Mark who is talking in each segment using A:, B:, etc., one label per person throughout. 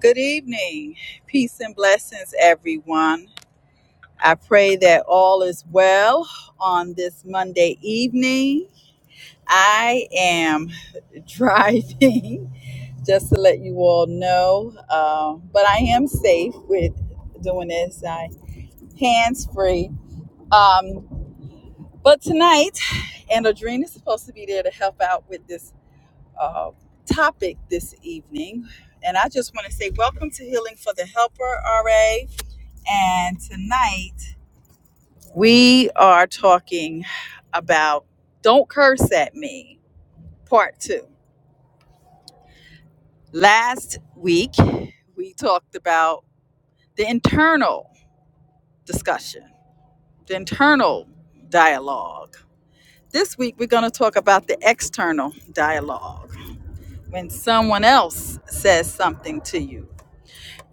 A: Good evening. Peace and blessings, everyone. I pray that all is well on this Monday evening. I am driving, just to let you all know, um, but I am safe with doing this. I hands free. Um, but tonight, and Adrena is supposed to be there to help out with this uh, topic this evening. And I just want to say welcome to Healing for the Helper, RA. And tonight we are talking about Don't Curse at Me, part two. Last week we talked about the internal discussion, the internal dialogue. This week we're going to talk about the external dialogue when someone else says something to you.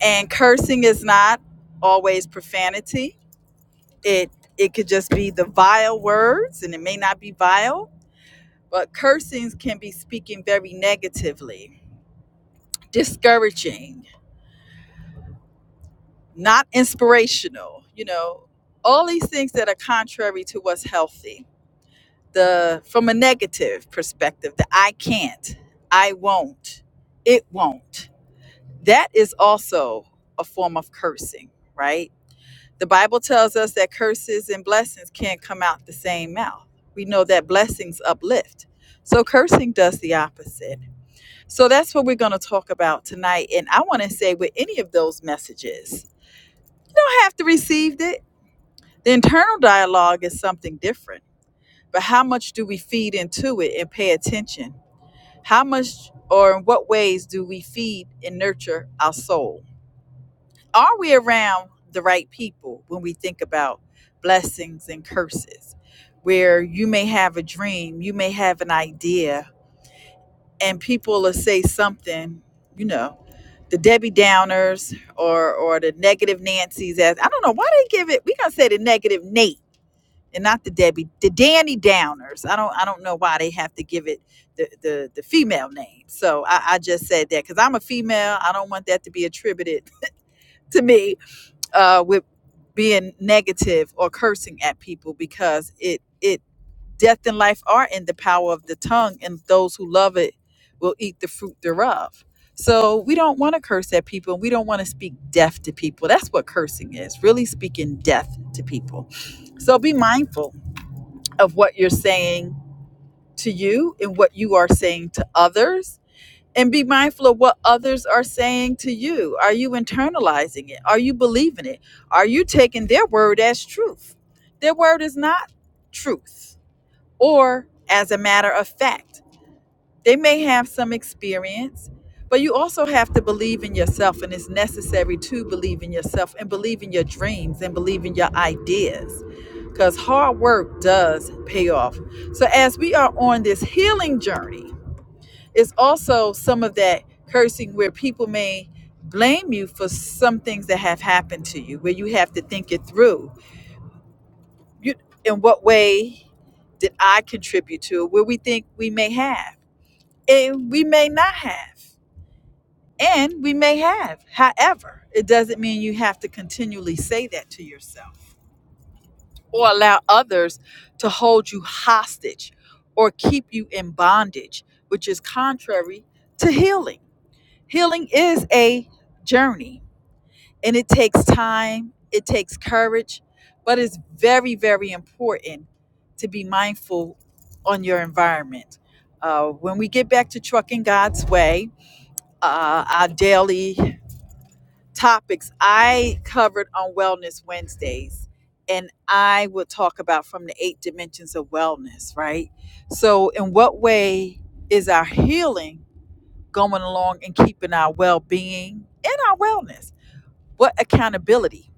A: And cursing is not always profanity. It it could just be the vile words and it may not be vile But cursings can be speaking very negatively, discouraging, not inspirational, you know, all these things that are contrary to what's healthy. The from a negative perspective, the I can't, I won't, it won't. That is also a form of cursing, right? The Bible tells us that curses and blessings can't come out the same mouth. We know that blessings uplift. So cursing does the opposite So that's what we're going to talk about tonight. And I want to say with any of those messages, you don't have to receive it. The internal dialogue is something different, but how much do we feed into it and pay attention? How much or in what ways do we feed and nurture our soul? Are we around the right people when we think about blessings and curses? Where you may have a dream, you may have an idea, and people will say something, you know, the Debbie Downers or or the negative Nancy's as I don't know why they give it. We gonna say the negative Nate and not the Debbie, the Danny Downers. I don't I don't know why they have to give it the the, the female name. So I, I just said that because I'm a female. I don't want that to be attributed to me uh, with being negative or cursing at people because it it Death and life are in the power of the tongue, and those who love it will eat the fruit thereof. So we don't want to curse at people, we don't want to speak death to people. That's what cursing is really speaking death to people. So be mindful of what you're saying to you and what you are saying to others. And be mindful of what others are saying to you. Are you internalizing it? Are you believing it? Are you taking their word as truth? Their word is not truth or, as a matter of fact, they may have some experience, but you also have to believe in yourself, and it's necessary to believe in yourself and believe in your dreams and believe in your ideas because hard work does pay off. So, as we are on this healing journey, it's also some of that cursing where people may blame you for some things that have happened to you, where you have to think it through. You, in what way did I contribute to it? Where we think we may have. and we may not have and we may have however it doesn't mean you have to continually say that to yourself or allow others to hold you hostage or keep you in bondage which is contrary to healing healing is a journey and it takes time it takes courage but it's very very important to be mindful on your environment uh, when we get back to trucking god's way uh, our daily topics. I covered on Wellness Wednesdays, and I would talk about from the eight dimensions of wellness, right? So, in what way is our healing going along and keeping our well being and our wellness? What accountability?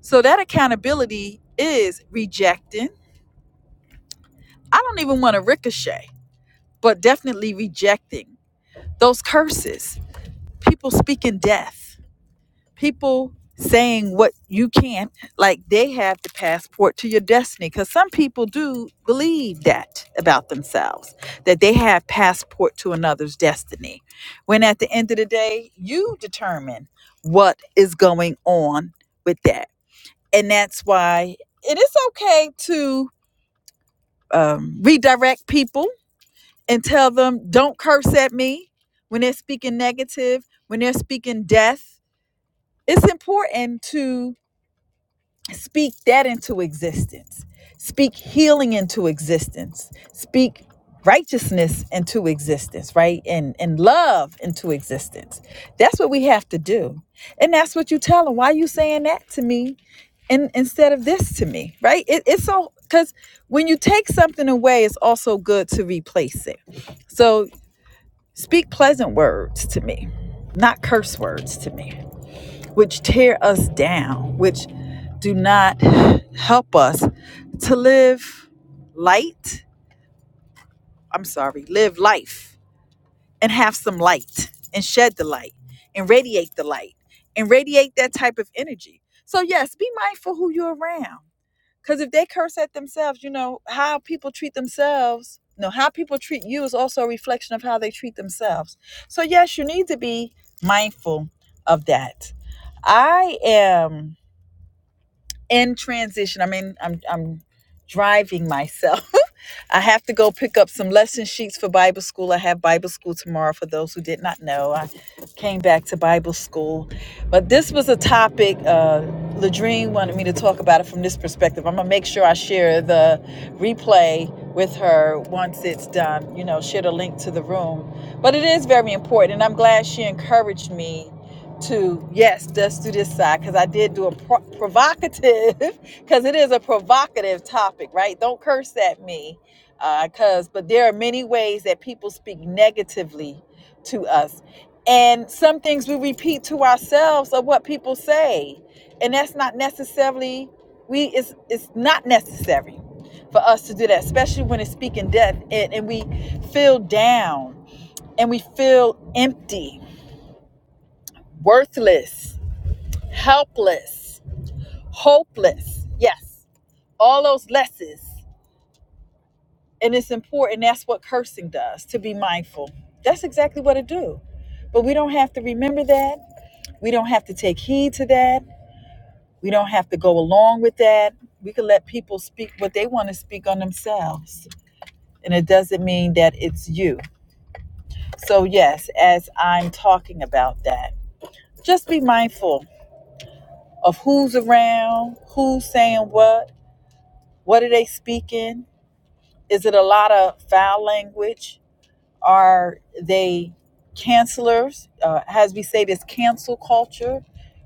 A: So, that accountability is rejecting. I don't even want to ricochet, but definitely rejecting those curses, people speaking death people saying what you can't, like they have the passport to your destiny. Because some people do believe that about themselves, that they have passport to another's destiny. When at the end of the day, you determine what is going on with that. And that's why it is okay to um, redirect people and tell them, don't curse at me when they're speaking negative, when they're speaking death. It's important to Speak that into existence. Speak healing into existence. Speak righteousness into existence, right? And and love into existence. That's what we have to do. And that's what you tell them. Why are you saying that to me and instead of this to me, right? It, it's so because when you take something away, it's also good to replace it. So speak pleasant words to me, not curse words to me which tear us down, which do not help us to live light. I'm sorry, live life and have some light and shed the light and radiate the light and radiate that type of energy. So, yes, be mindful who you're around. Because if they curse at themselves, you know, how people treat themselves, You know how people treat you is also a reflection of how they treat themselves. So, yes, you need to be mindful of that. I am in transition. i mean, I'm I'm driving myself I have to go pick up some lesson sheets for Bible school. I have Bible school tomorrow for those who did not know. I came back to Bible school. But this was a topic, uh, Ladrine wanted me to talk about it from this perspective. I'm going to make sure I share the replay with her once it's done, you know, share the link to the room. But it is very important. And I'm glad she encouraged me to, yes, let's do this side because I did do a pro- provocative, because it is a provocative topic, right? Don't curse at me because but there are many ways that people speak negatively to us and some things we repeat to ourselves are what people say and that's not necessarily we it's it's not necessary for us to do that especially when it's speaking death and, and we feel down and we feel empty worthless helpless hopeless yes all those lesses and it's important that's what cursing does to be mindful that's exactly what it do but we don't have to remember that we don't have to take heed to that we don't have to go along with that we can let people speak what they want to speak on themselves and it doesn't mean that it's you so yes as i'm talking about that just be mindful of who's around who's saying what what are they speaking is it a lot of foul language Are they cancelers? Uh, as we say, this cancel culture,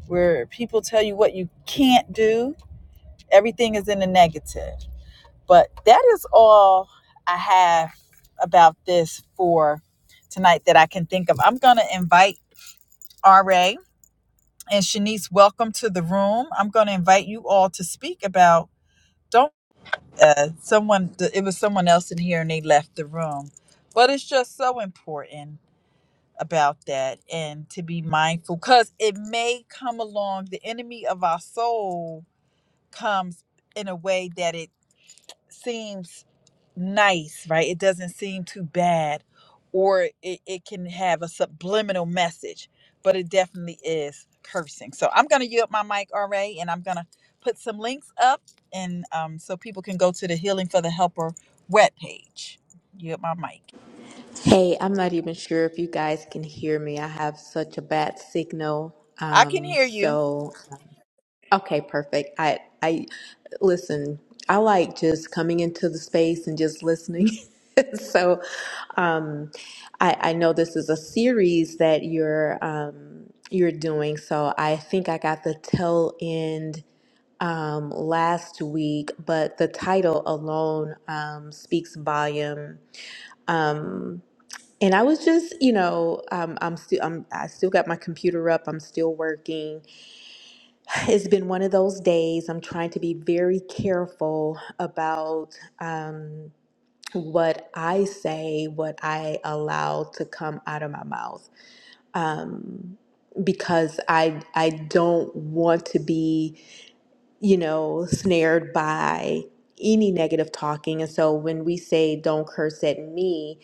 A: where people tell you what you can't do, everything is in the negative. But that is all I have about this for tonight that I can think of. I'm going to invite RA and Shanice, welcome to the room. I'm going to invite you all to speak about don't uh, someone. It was someone else in here, and they left the room. But it's just so important about that and to be mindful because it may come along the enemy of our soul comes in a way that it seems nice right it doesn't seem too bad or it, it can have a subliminal message but it definitely is cursing so i'm going to yield my mic ra and i'm going to put some links up and um, so people can go to the healing for the helper webpage yield my mic
B: Hey, I'm not even sure if you guys can hear me. I have such a bad signal.
A: i can
B: Um,
A: hear you
B: so okay, perfect. I I listen. I like just coming into the space and just listening. so um, I I know this is a series that you're um, you're doing. So I think I got the tail end um, last week, but the title alone um, speaks volume. Um and I was just, you know, um, I'm still, I'm, I still got my computer up. I'm still working. It's been one of those days. I'm trying to be very careful about um, what I say, what I allow to come out of my mouth, um, because I, I don't want to be you know, snared by any negative talking. And so when we say, don't curse at me,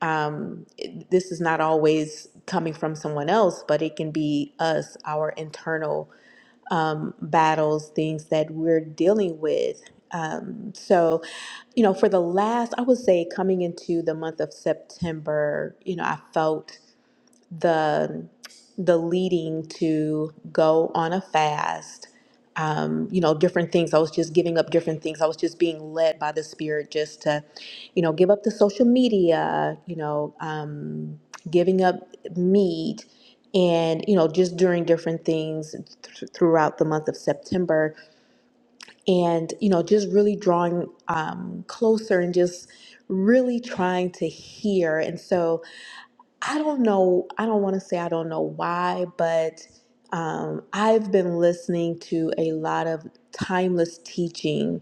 B: um, it- this is not always coming from someone else, but it can be us, our internal um, battles, things that we're dealing with. Um, so, you know, for the last, I would say coming into the month of September, you know, I felt the the leading to go on a fast um, you know different things i was just giving up different things i was just being led by the spirit just to you know give up the social media you know um, giving up meat and you know just doing different things th- throughout the month of september and you know just really drawing um, closer and just really trying to hear and so I don't know. I don't want to say I don't know why, but um, I've been listening to a lot of timeless teaching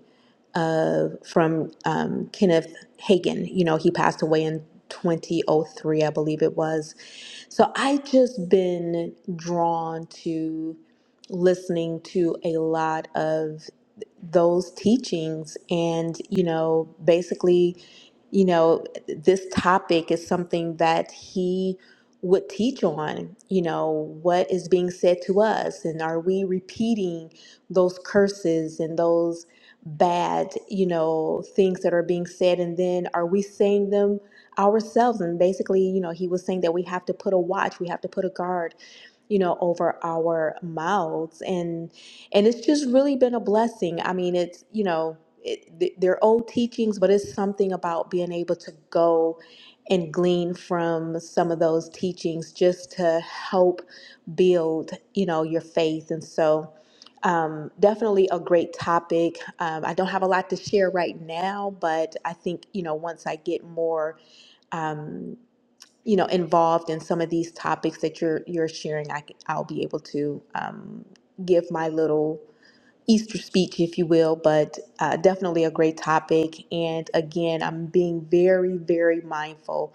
B: of from um, Kenneth Hagin. You know, he passed away in 2003, I believe it was so I just been drawn to listening to a lot of those teachings and you know basically you know this topic is something that he would teach on you know what is being said to us and are we repeating those curses and those bad you know things that are being said and then are we saying them ourselves. And basically, you know, he was saying that we have to put a watch, we have to put a guard you know over our mouths and and it's just really been a blessing i mean it's you know it, th- they're old teachings but it's something about being able to go and glean from some of those teachings just to help build you know your faith and so um, definitely a great topic um, i don't have a lot to share right now but i think you know once i get more um, you know involved in some of these topics that you're you're sharing I, c- i'll be able to um, give my little easter speech if you will but uh, definitely a great topic and again i'm being very very mindful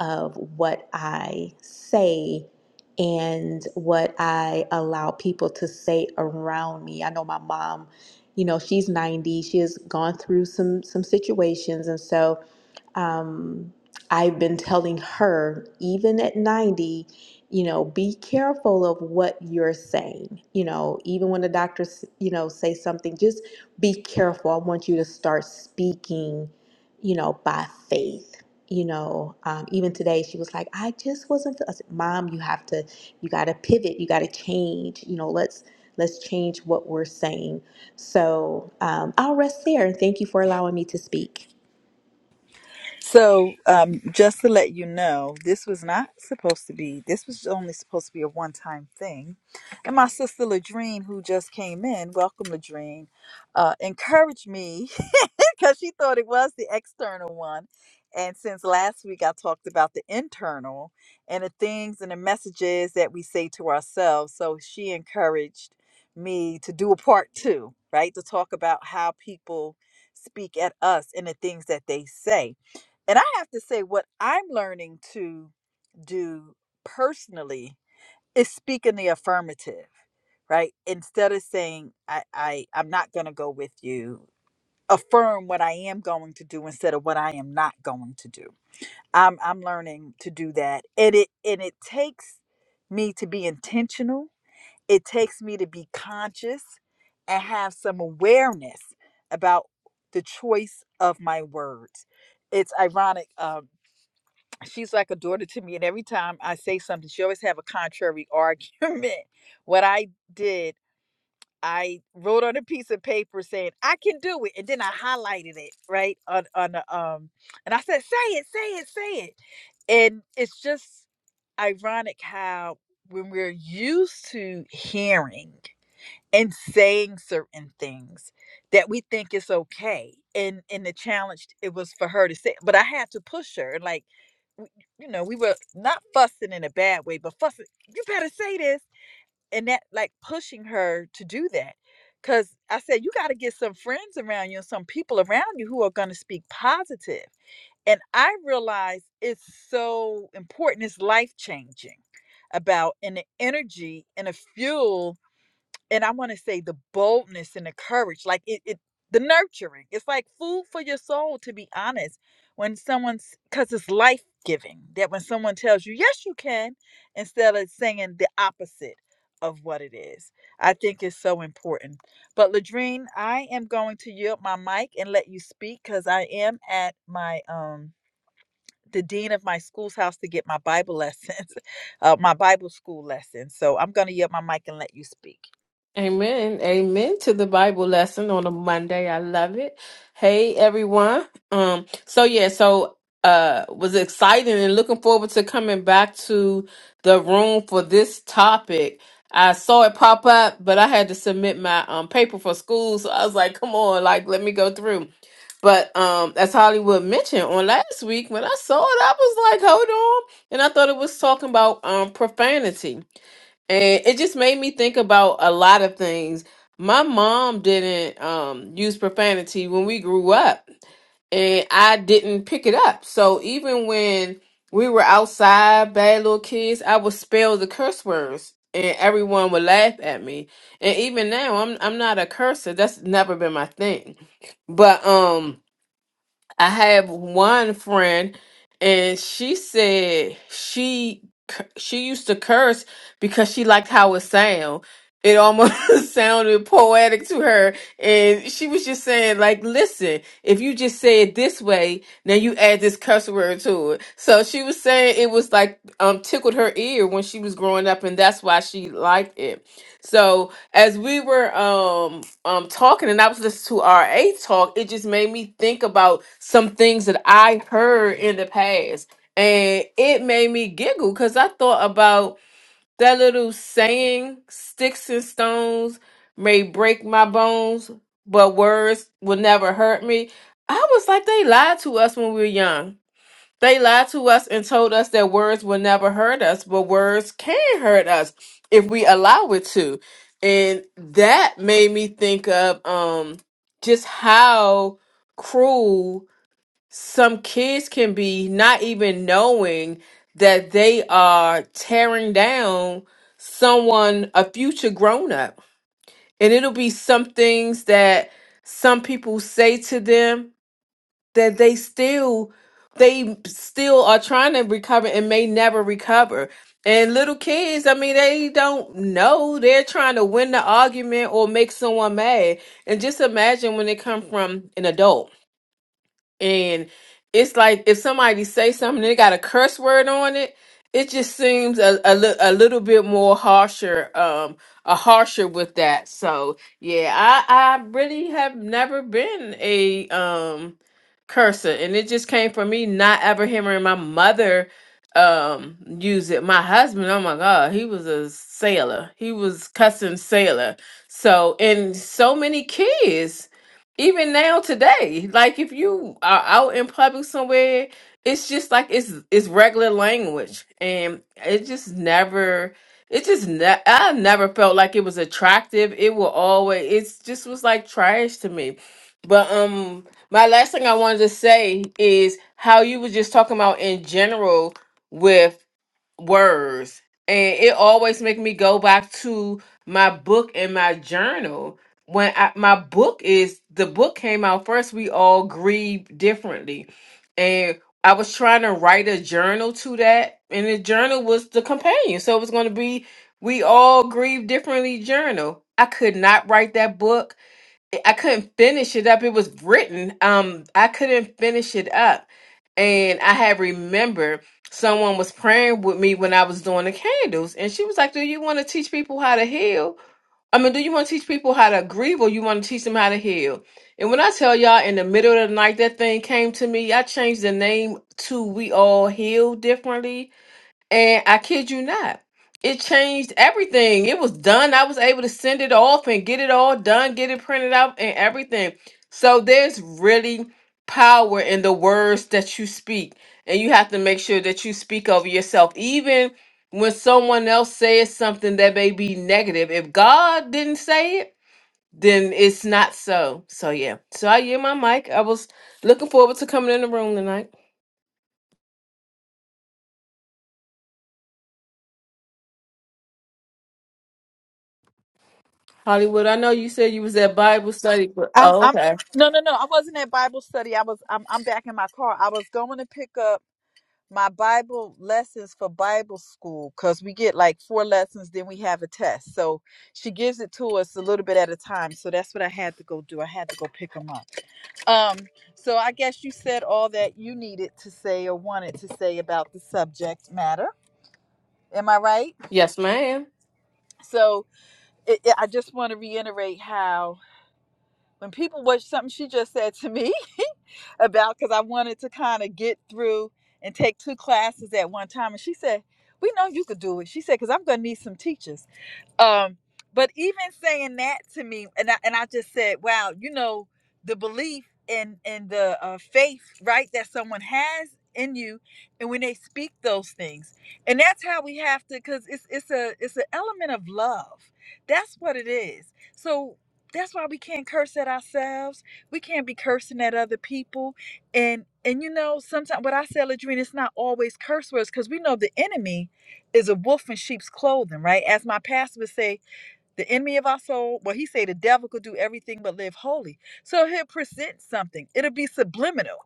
B: of what i say and what i allow people to say around me i know my mom you know she's 90 she has gone through some some situations and so um, I've been telling her, even at 90, you know, be careful of what you're saying. You know, even when the doctors, you know, say something, just be careful. I want you to start speaking, you know, by faith. You know, um, even today she was like, I just wasn't. feel-" I said, Mom, you have to, you got to pivot. You got to change. You know, let's let's change what we're saying. So um, I'll rest there and thank you for allowing me to speak.
A: So, um, just to let you know, this was not supposed to be, this was only supposed to be a one time thing. And my sister Ladrine, who just came in, welcome Ladrine, uh, encouraged me because she thought it was the external one. And since last week, I talked about the internal and the things and the messages that we say to ourselves. So she encouraged me to do a part two, right? To talk about how people speak at us and the things that they say. And I have to say, what I'm learning to do personally is speak in the affirmative right instead of saying i i i'm not going to go with you affirm what I am going to do instead of what I am not going to do. I'm I'm learning to do that. And it and it takes me to be intentional. It takes me to be conscious and have some awareness about the choice of my words. It's ironic. Um, she's like a daughter to me, and every time I say something, she always have a contrary argument. What I did I wrote on a piece of paper saying I can do it, and then I highlighted it right on on the um, and I said, "Say it, say it, say it," and it's just ironic how when we're used to hearing and saying certain things that we think is okay, and and the challenge it was for her to say, but I had to push her, like w- you know, we were not fussing in a bad way, but fussing. You better say this and that like pushing her to do that because i said you got to get some friends around you and some people around you who are going to speak positive positive. and i realize it's so important it's life changing about and the energy and the fuel and I want to say the boldness and the courage, like it, it, the nurturing. It's like food for your soul, to be honest. When someone's, because it's life giving, that when someone tells you, yes, you can, instead of saying the opposite of what it is, I think is so important. But Ladrine, I am going to yield my mic and let you speak because I am at my, um, the dean of my school's house to get my Bible lessons, uh, my Bible school lessons. So I'm going to yield my mic and let you speak.
C: Amen. Amen to the Bible lesson on a Monday. I love it. Hey everyone. Um so yeah, so uh was excited and looking forward to coming back to the room for this topic. I saw it pop up, but I had to submit my um paper for school, so I was like, come on, like let me go through. But um as Hollywood mentioned on last week when I saw it, I was like, hold on. And I thought it was talking about um profanity and it just made me think about a lot of things. My mom didn't um, use profanity when we grew up, and I didn't pick it up. So even when we were outside, bad little kids, I would spell the curse words, and everyone would laugh at me. And even now, I'm I'm not a cursor. That's never been my thing. But um, I have one friend, and she said she cu- she used to curse because she liked how it sound. It almost sounded poetic to her, and she was just saying, like, listen, if you just say it this way, now you add this curse word to it. So she was saying it was like um tickled her ear when she was growing up, and that's why she liked it. So as we were um um talking and I was listening to our A talk, it just made me think about some things that I heard in the past. And it made me giggle because I thought about that little saying, sticks and stones may break my bones, but words will never hurt me. I was like, they lied to us when we were young they lied to us and told us that words will never hurt us, but words can hurt us if we allow it to. And that made me think of um just how cruel some kids can be, not even knowing that they are tearing down someone, a future grown up. And it'll be some things that some people say to them that they still they still are trying to recover and may never recover. And little kids, I mean, they don't know. They're trying to win the argument or make someone mad. And just imagine when they come from an adult and it's like if somebody say something they got a curse word on it it just seems a, a, li- a little bit more harsher um a harsher with that so yeah i i really have never been a um cursor and it just came from me not ever hearing my mother um use it my husband oh my god he was a sailor he was cussing sailor so and so many kids even now today like if you are out in public somewhere it's just like it's it's regular language and it just never it just ne- i never felt like it was attractive it will always it's just was like trash to me but um my last thing i wanted to say is how you were just talking about in general with words and it always make me go back to my book and my journal when I, my book is the book came out first we all grieve differently and i was trying to write a journal to that and the journal was the companion so it was going to be we all grieve differently journal i could not write that book I couldn't finish it up. It was written. Um, I couldn't finish it up. And I had remembered someone was praying with me when I was doing the candles. And she was like, Do you want to teach people how to heal? I mean, do you want to teach people how to grieve or you want to teach them how to heal? And when I tell y'all in the middle of the night that thing came to me, I changed the name to We All Heal Differently and I kid you not, it changed everything. It was done. I was able to send it off and get it all done, get it printed out and everything. So there's really power in the words that you speak. And you have to make sure that you speak over yourself. Even when someone else says something that may be negative, if God didn't say it, then it's not so. So yeah. So I hear my mic. I was looking forward to coming in the room tonight. Hollywood, I know you said you was at Bible study, but
A: I'm
C: oh,
A: I'm
C: okay.
A: no no no. I wasn't at Bible study. I was I'm I'm back in my car. I was going to pick up my Bible lessons for Bible school because we get like four lessons, then we have a test. So she gives it to us a little bit at a time. So that's what I had to go do. I had to go pick them up. Um. So I guess you said all that you needed to say or wanted to say about the subject matter. Am I right?
C: Yes, ma'am.
A: So it, it- I just want to reiterate how when people watch something she just said to me about because I wanted to kind of get through and take two classes at one time. And she said, "We know you could do it." She said, "Because I'm going to need some teachers." Um, but even saying that to me, and I and I just said, wow, you know, the belief and and the uh, faith, right, that someone has in you, and when they speak those things, and that's how we have to, because it's it's a it's an element of love. That's what it is. So. That's why we can't curse at ourselves. We can't be cursing at other people. And and you know, sometimes what I say, Ladrina, it's not always curse words because we know the enemy is a wolf in sheep's clothing, right? As my pastor would say, the enemy of our soul, well, he say the devil could do everything but live holy. So he'll present something. It'll be subliminal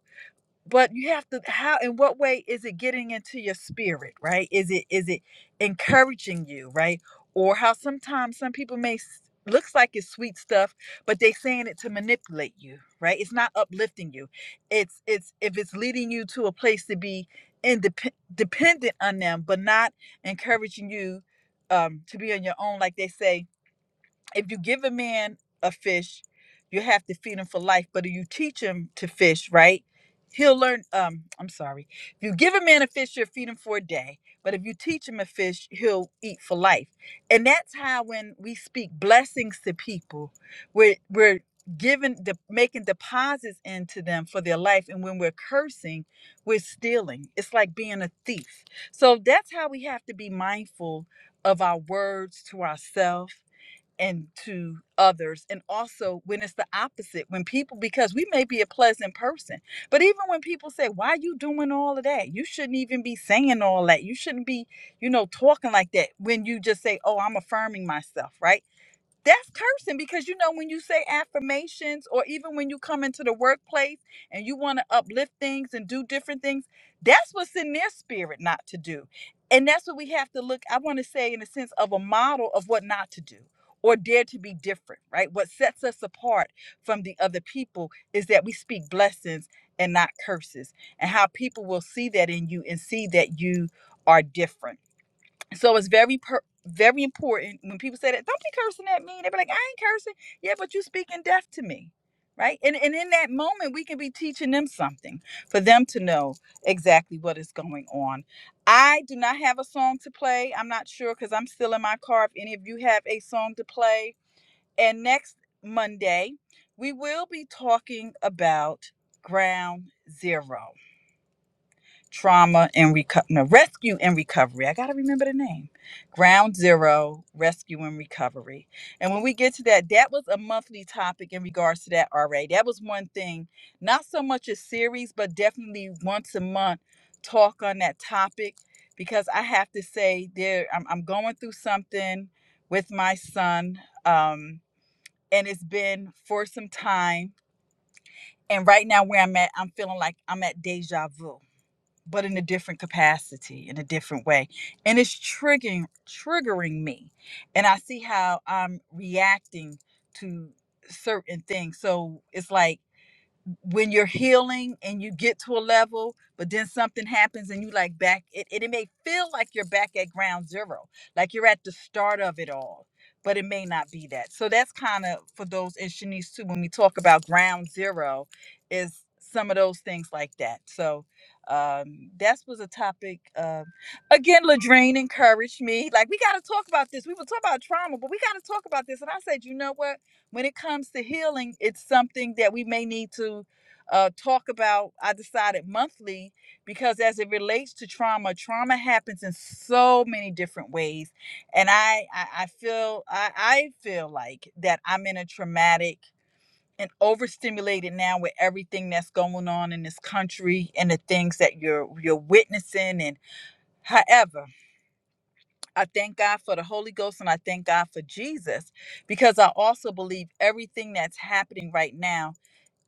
A: but you have to how in what way is it getting into your spirit right is it is it encouraging you right or how sometimes some people may s- looks like it's sweet stuff but they saying it to manipulate you right it's not uplifting you it's it's if it's leading you to a place to be independent dependent on them but not encouraging you um to be on your own like they say if you give a man a fish, you have to feed him for life. But if you teach him to fish, right? He'll learn. Um, I'm sorry. If you give a man a fish, you'll feed him for a day. But if you teach him a fish, he'll eat for life. And that's how when we speak blessings to people, we're we're giving the making deposits into them for their life. And when we're cursing, we're stealing. It's like being a thief. So that's how we have to be mindful of our words to ourselves and to others and also when it's the opposite when people because we may be a pleasant person but even when people say why are you doing all of that you shouldn't even be saying all that you shouldn't be you know talking like that when you just say oh i'm affirming myself right that's cursing because you know when you say affirmations or even when you come into the workplace and you want to uplift things and do different things that's what's in their spirit not to do and that's what we have to look i want to say in a sense of a model of what not to do or dare to be different right what sets us apart from the other people is that we speak blessings and not curses and how people will see that in you and see that you are different so it's very per- very important when people say that. Don't be cursing at me. They be like, I ain't cursing. Yeah, but you speaking deaf to me, right? And and in that moment, we can be teaching them something for them to know exactly what is going on. I do not have a song to play. I'm not sure because I'm still in my car. If any of you have a song to play, and next Monday we will be talking about ground zero trauma and reco- no, rescue and recovery. I got to remember the name. Ground Zero Rescue and Recovery. And when we get to that, that was a monthly topic in regards to that already. That was one thing, not so much a series, but definitely once a month talk on that topic because I have to say there I'm, I'm going through something with my son um and it's been for some time and right now where I'm at I'm feeling like I'm at deja vu but in a different capacity, in a different way. And it's triggering triggering me. And I see how I'm reacting to certain things. So it's like when you're healing and you get to a level, but then something happens and you like back it, it, it may feel like you're back at ground zero, like you're at the start of it all, but it may not be that. So that's kind of for those in Shanice too, when we talk about ground zero, is some of those things like that. So um that was a topic um again Ladrine encouraged me like we got to talk about this we were talking about trauma but we got to talk about this and i said you know what when it comes to healing, it's something that we may need to uh, talk about. I decided monthly because as it relates to trauma, trauma happens in so many different ways, and I I, I feel I, I feel like that I'm in a traumatic and overstimulated now with everything that's going on in this country and the things that you're you're witnessing and however I thank God for the Holy Ghost and I thank God for Jesus because I also believe everything that's happening right now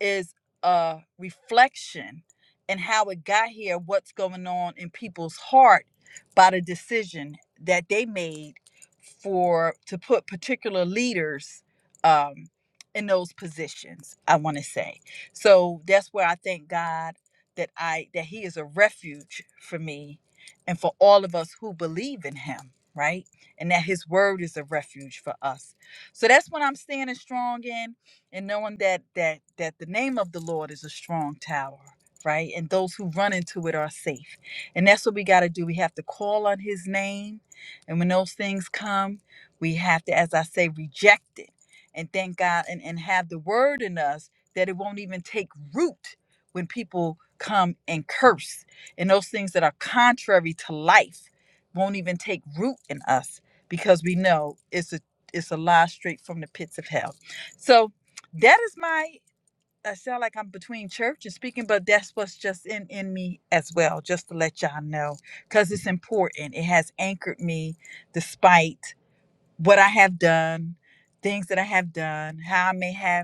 A: is a reflection and how it got here, what's going on in people's heart by the decision that they made for to put particular leaders um, in those positions. I want to say so. That's where I thank God that I that He is a refuge for me and for all of us who believe in Him right? And that his word is a refuge for us. So that's what I'm standing strong in and knowing that that that the name of the Lord is a strong tower, right? And those who run into it are safe. And that's what we got to do. We have to call on his name. And when those things come, we have to as I say reject it and thank God and and have the word in us that it won't even take root when people come and curse and those things that are contrary to life won't even take root in us because we know it's a it's a lie straight from the pits of hell. So that is my I sound like I'm between church and speaking, but that's what's just in in me as well, just to let y'all know, because it's important. It has anchored me despite what I have done, things that I have done, how I may have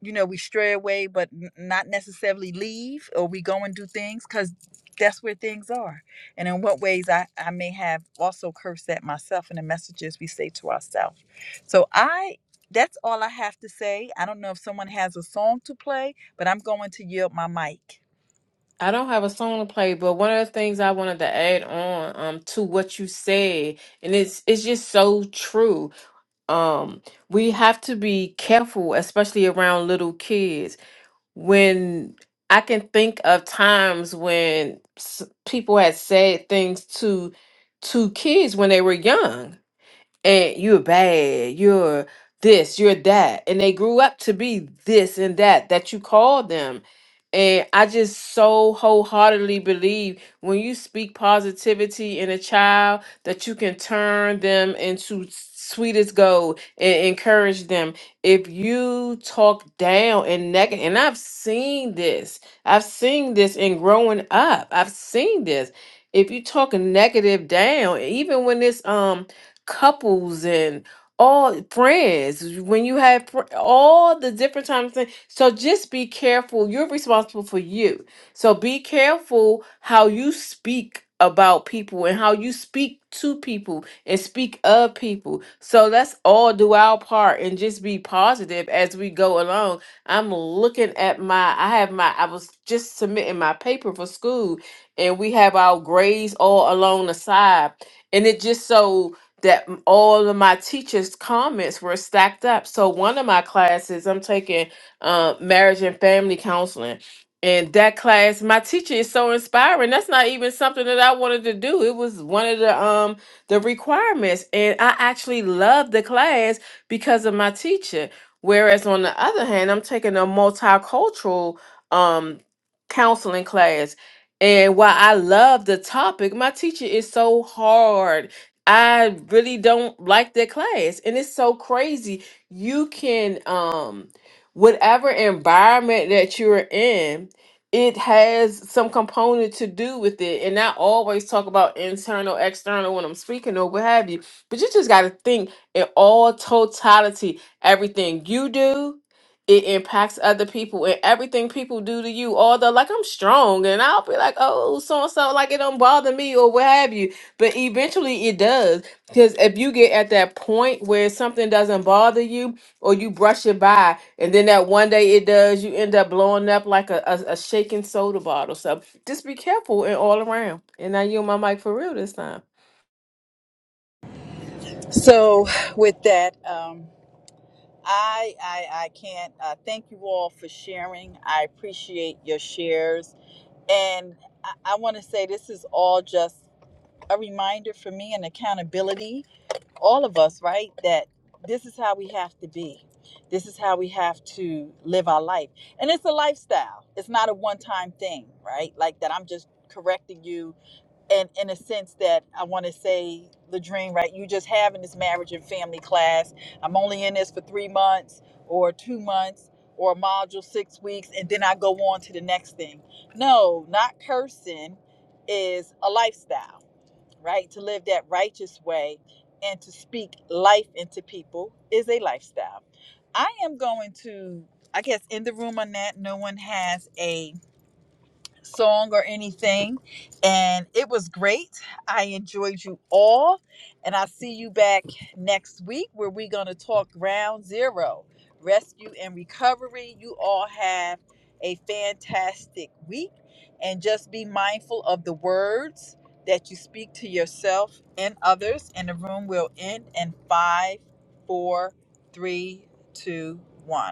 A: you know, we stray away, but n- not necessarily leave, or we go and do things because that's where things are. And in what ways I, I may have also cursed at myself in the messages we say to ourselves. So I, that's all I have to say. I don't know if someone has a song to play, but I'm going to yield my mic.
C: I don't have a song to play, but one of the things I wanted to add on um to what you said, and it's it's just so true. Um, we have to be careful, especially around little kids. When I can think of times when s- people had said things to to kids when they were young, and you're bad, you're this, you're that. And they grew up to be this and that that you called them. And I just so wholeheartedly believe when you speak positivity in a child that you can turn them into sweetest gold and encourage them. If you talk down and negative, and I've seen this, I've seen this in growing up. I've seen this. If you talk negative down, even when it's um couples and all friends when you have fr- all the different times thing- so just be careful you're responsible for you so be careful how you speak about people and how you speak to people and speak of people so let's all do our part and just be positive as we go along i'm looking at my i have my i was just submitting my paper for school and we have our grades all along the side and it just so that m- all of my teachers' comments were stacked up. So one of my classes, I'm taking uh, marriage and family counseling. And that class, my teacher is so inspiring. That's not even something that I wanted to do. It was one of the um the requirements. And I actually loved the class because of my teacher. Whereas on the other hand, I'm taking a multicultural um counseling class. And while I love the topic, my teacher is so hard I really don't like that class. And it's so crazy. You can um whatever environment that you're in, it has some component to do with it. And I always talk about internal, external when I'm speaking or what have you. But you just gotta think in all totality, everything you do. It impacts other people and everything people do to you. Although, like, I'm strong and I'll be like, oh, so and so, like, it don't bother me or what have you but eventually it does. Because if you get at that point where something doesn't bother you or you brush it by, and then that one day it does, you end up blowing up like a, a, a shaking soda bottle. So just be careful and all around. And I yield my mic for real this time.
A: So, with that, um, I, I I can't uh, thank you all for sharing. I appreciate your shares, and I, I want to say this is all just a reminder for me and accountability, all of us, right? That this is how we have to be. This is how we have to live our life. And it's a lifestyle. It's not a one-time thing, right? Like that I'm just correcting you and in a sense that I want to say the right? You just having this marriage and family class. I'm only in this for 3 months or 2 months or a module 6 weeks and then I go on to the next thing. No, not cursing is a lifestyle right? To live that righteous way and to speak life into people is a lifestyle. I am going to, I guess, in the room on that. No one has a song or anything. And it was great. I enjoyed you all. And I'll see you back next week where we're going to talk round zero rescue and recovery. You all have a fantastic week. And just be mindful of the words that you speak to yourself and others. And the room will end in five, four, three, two, one.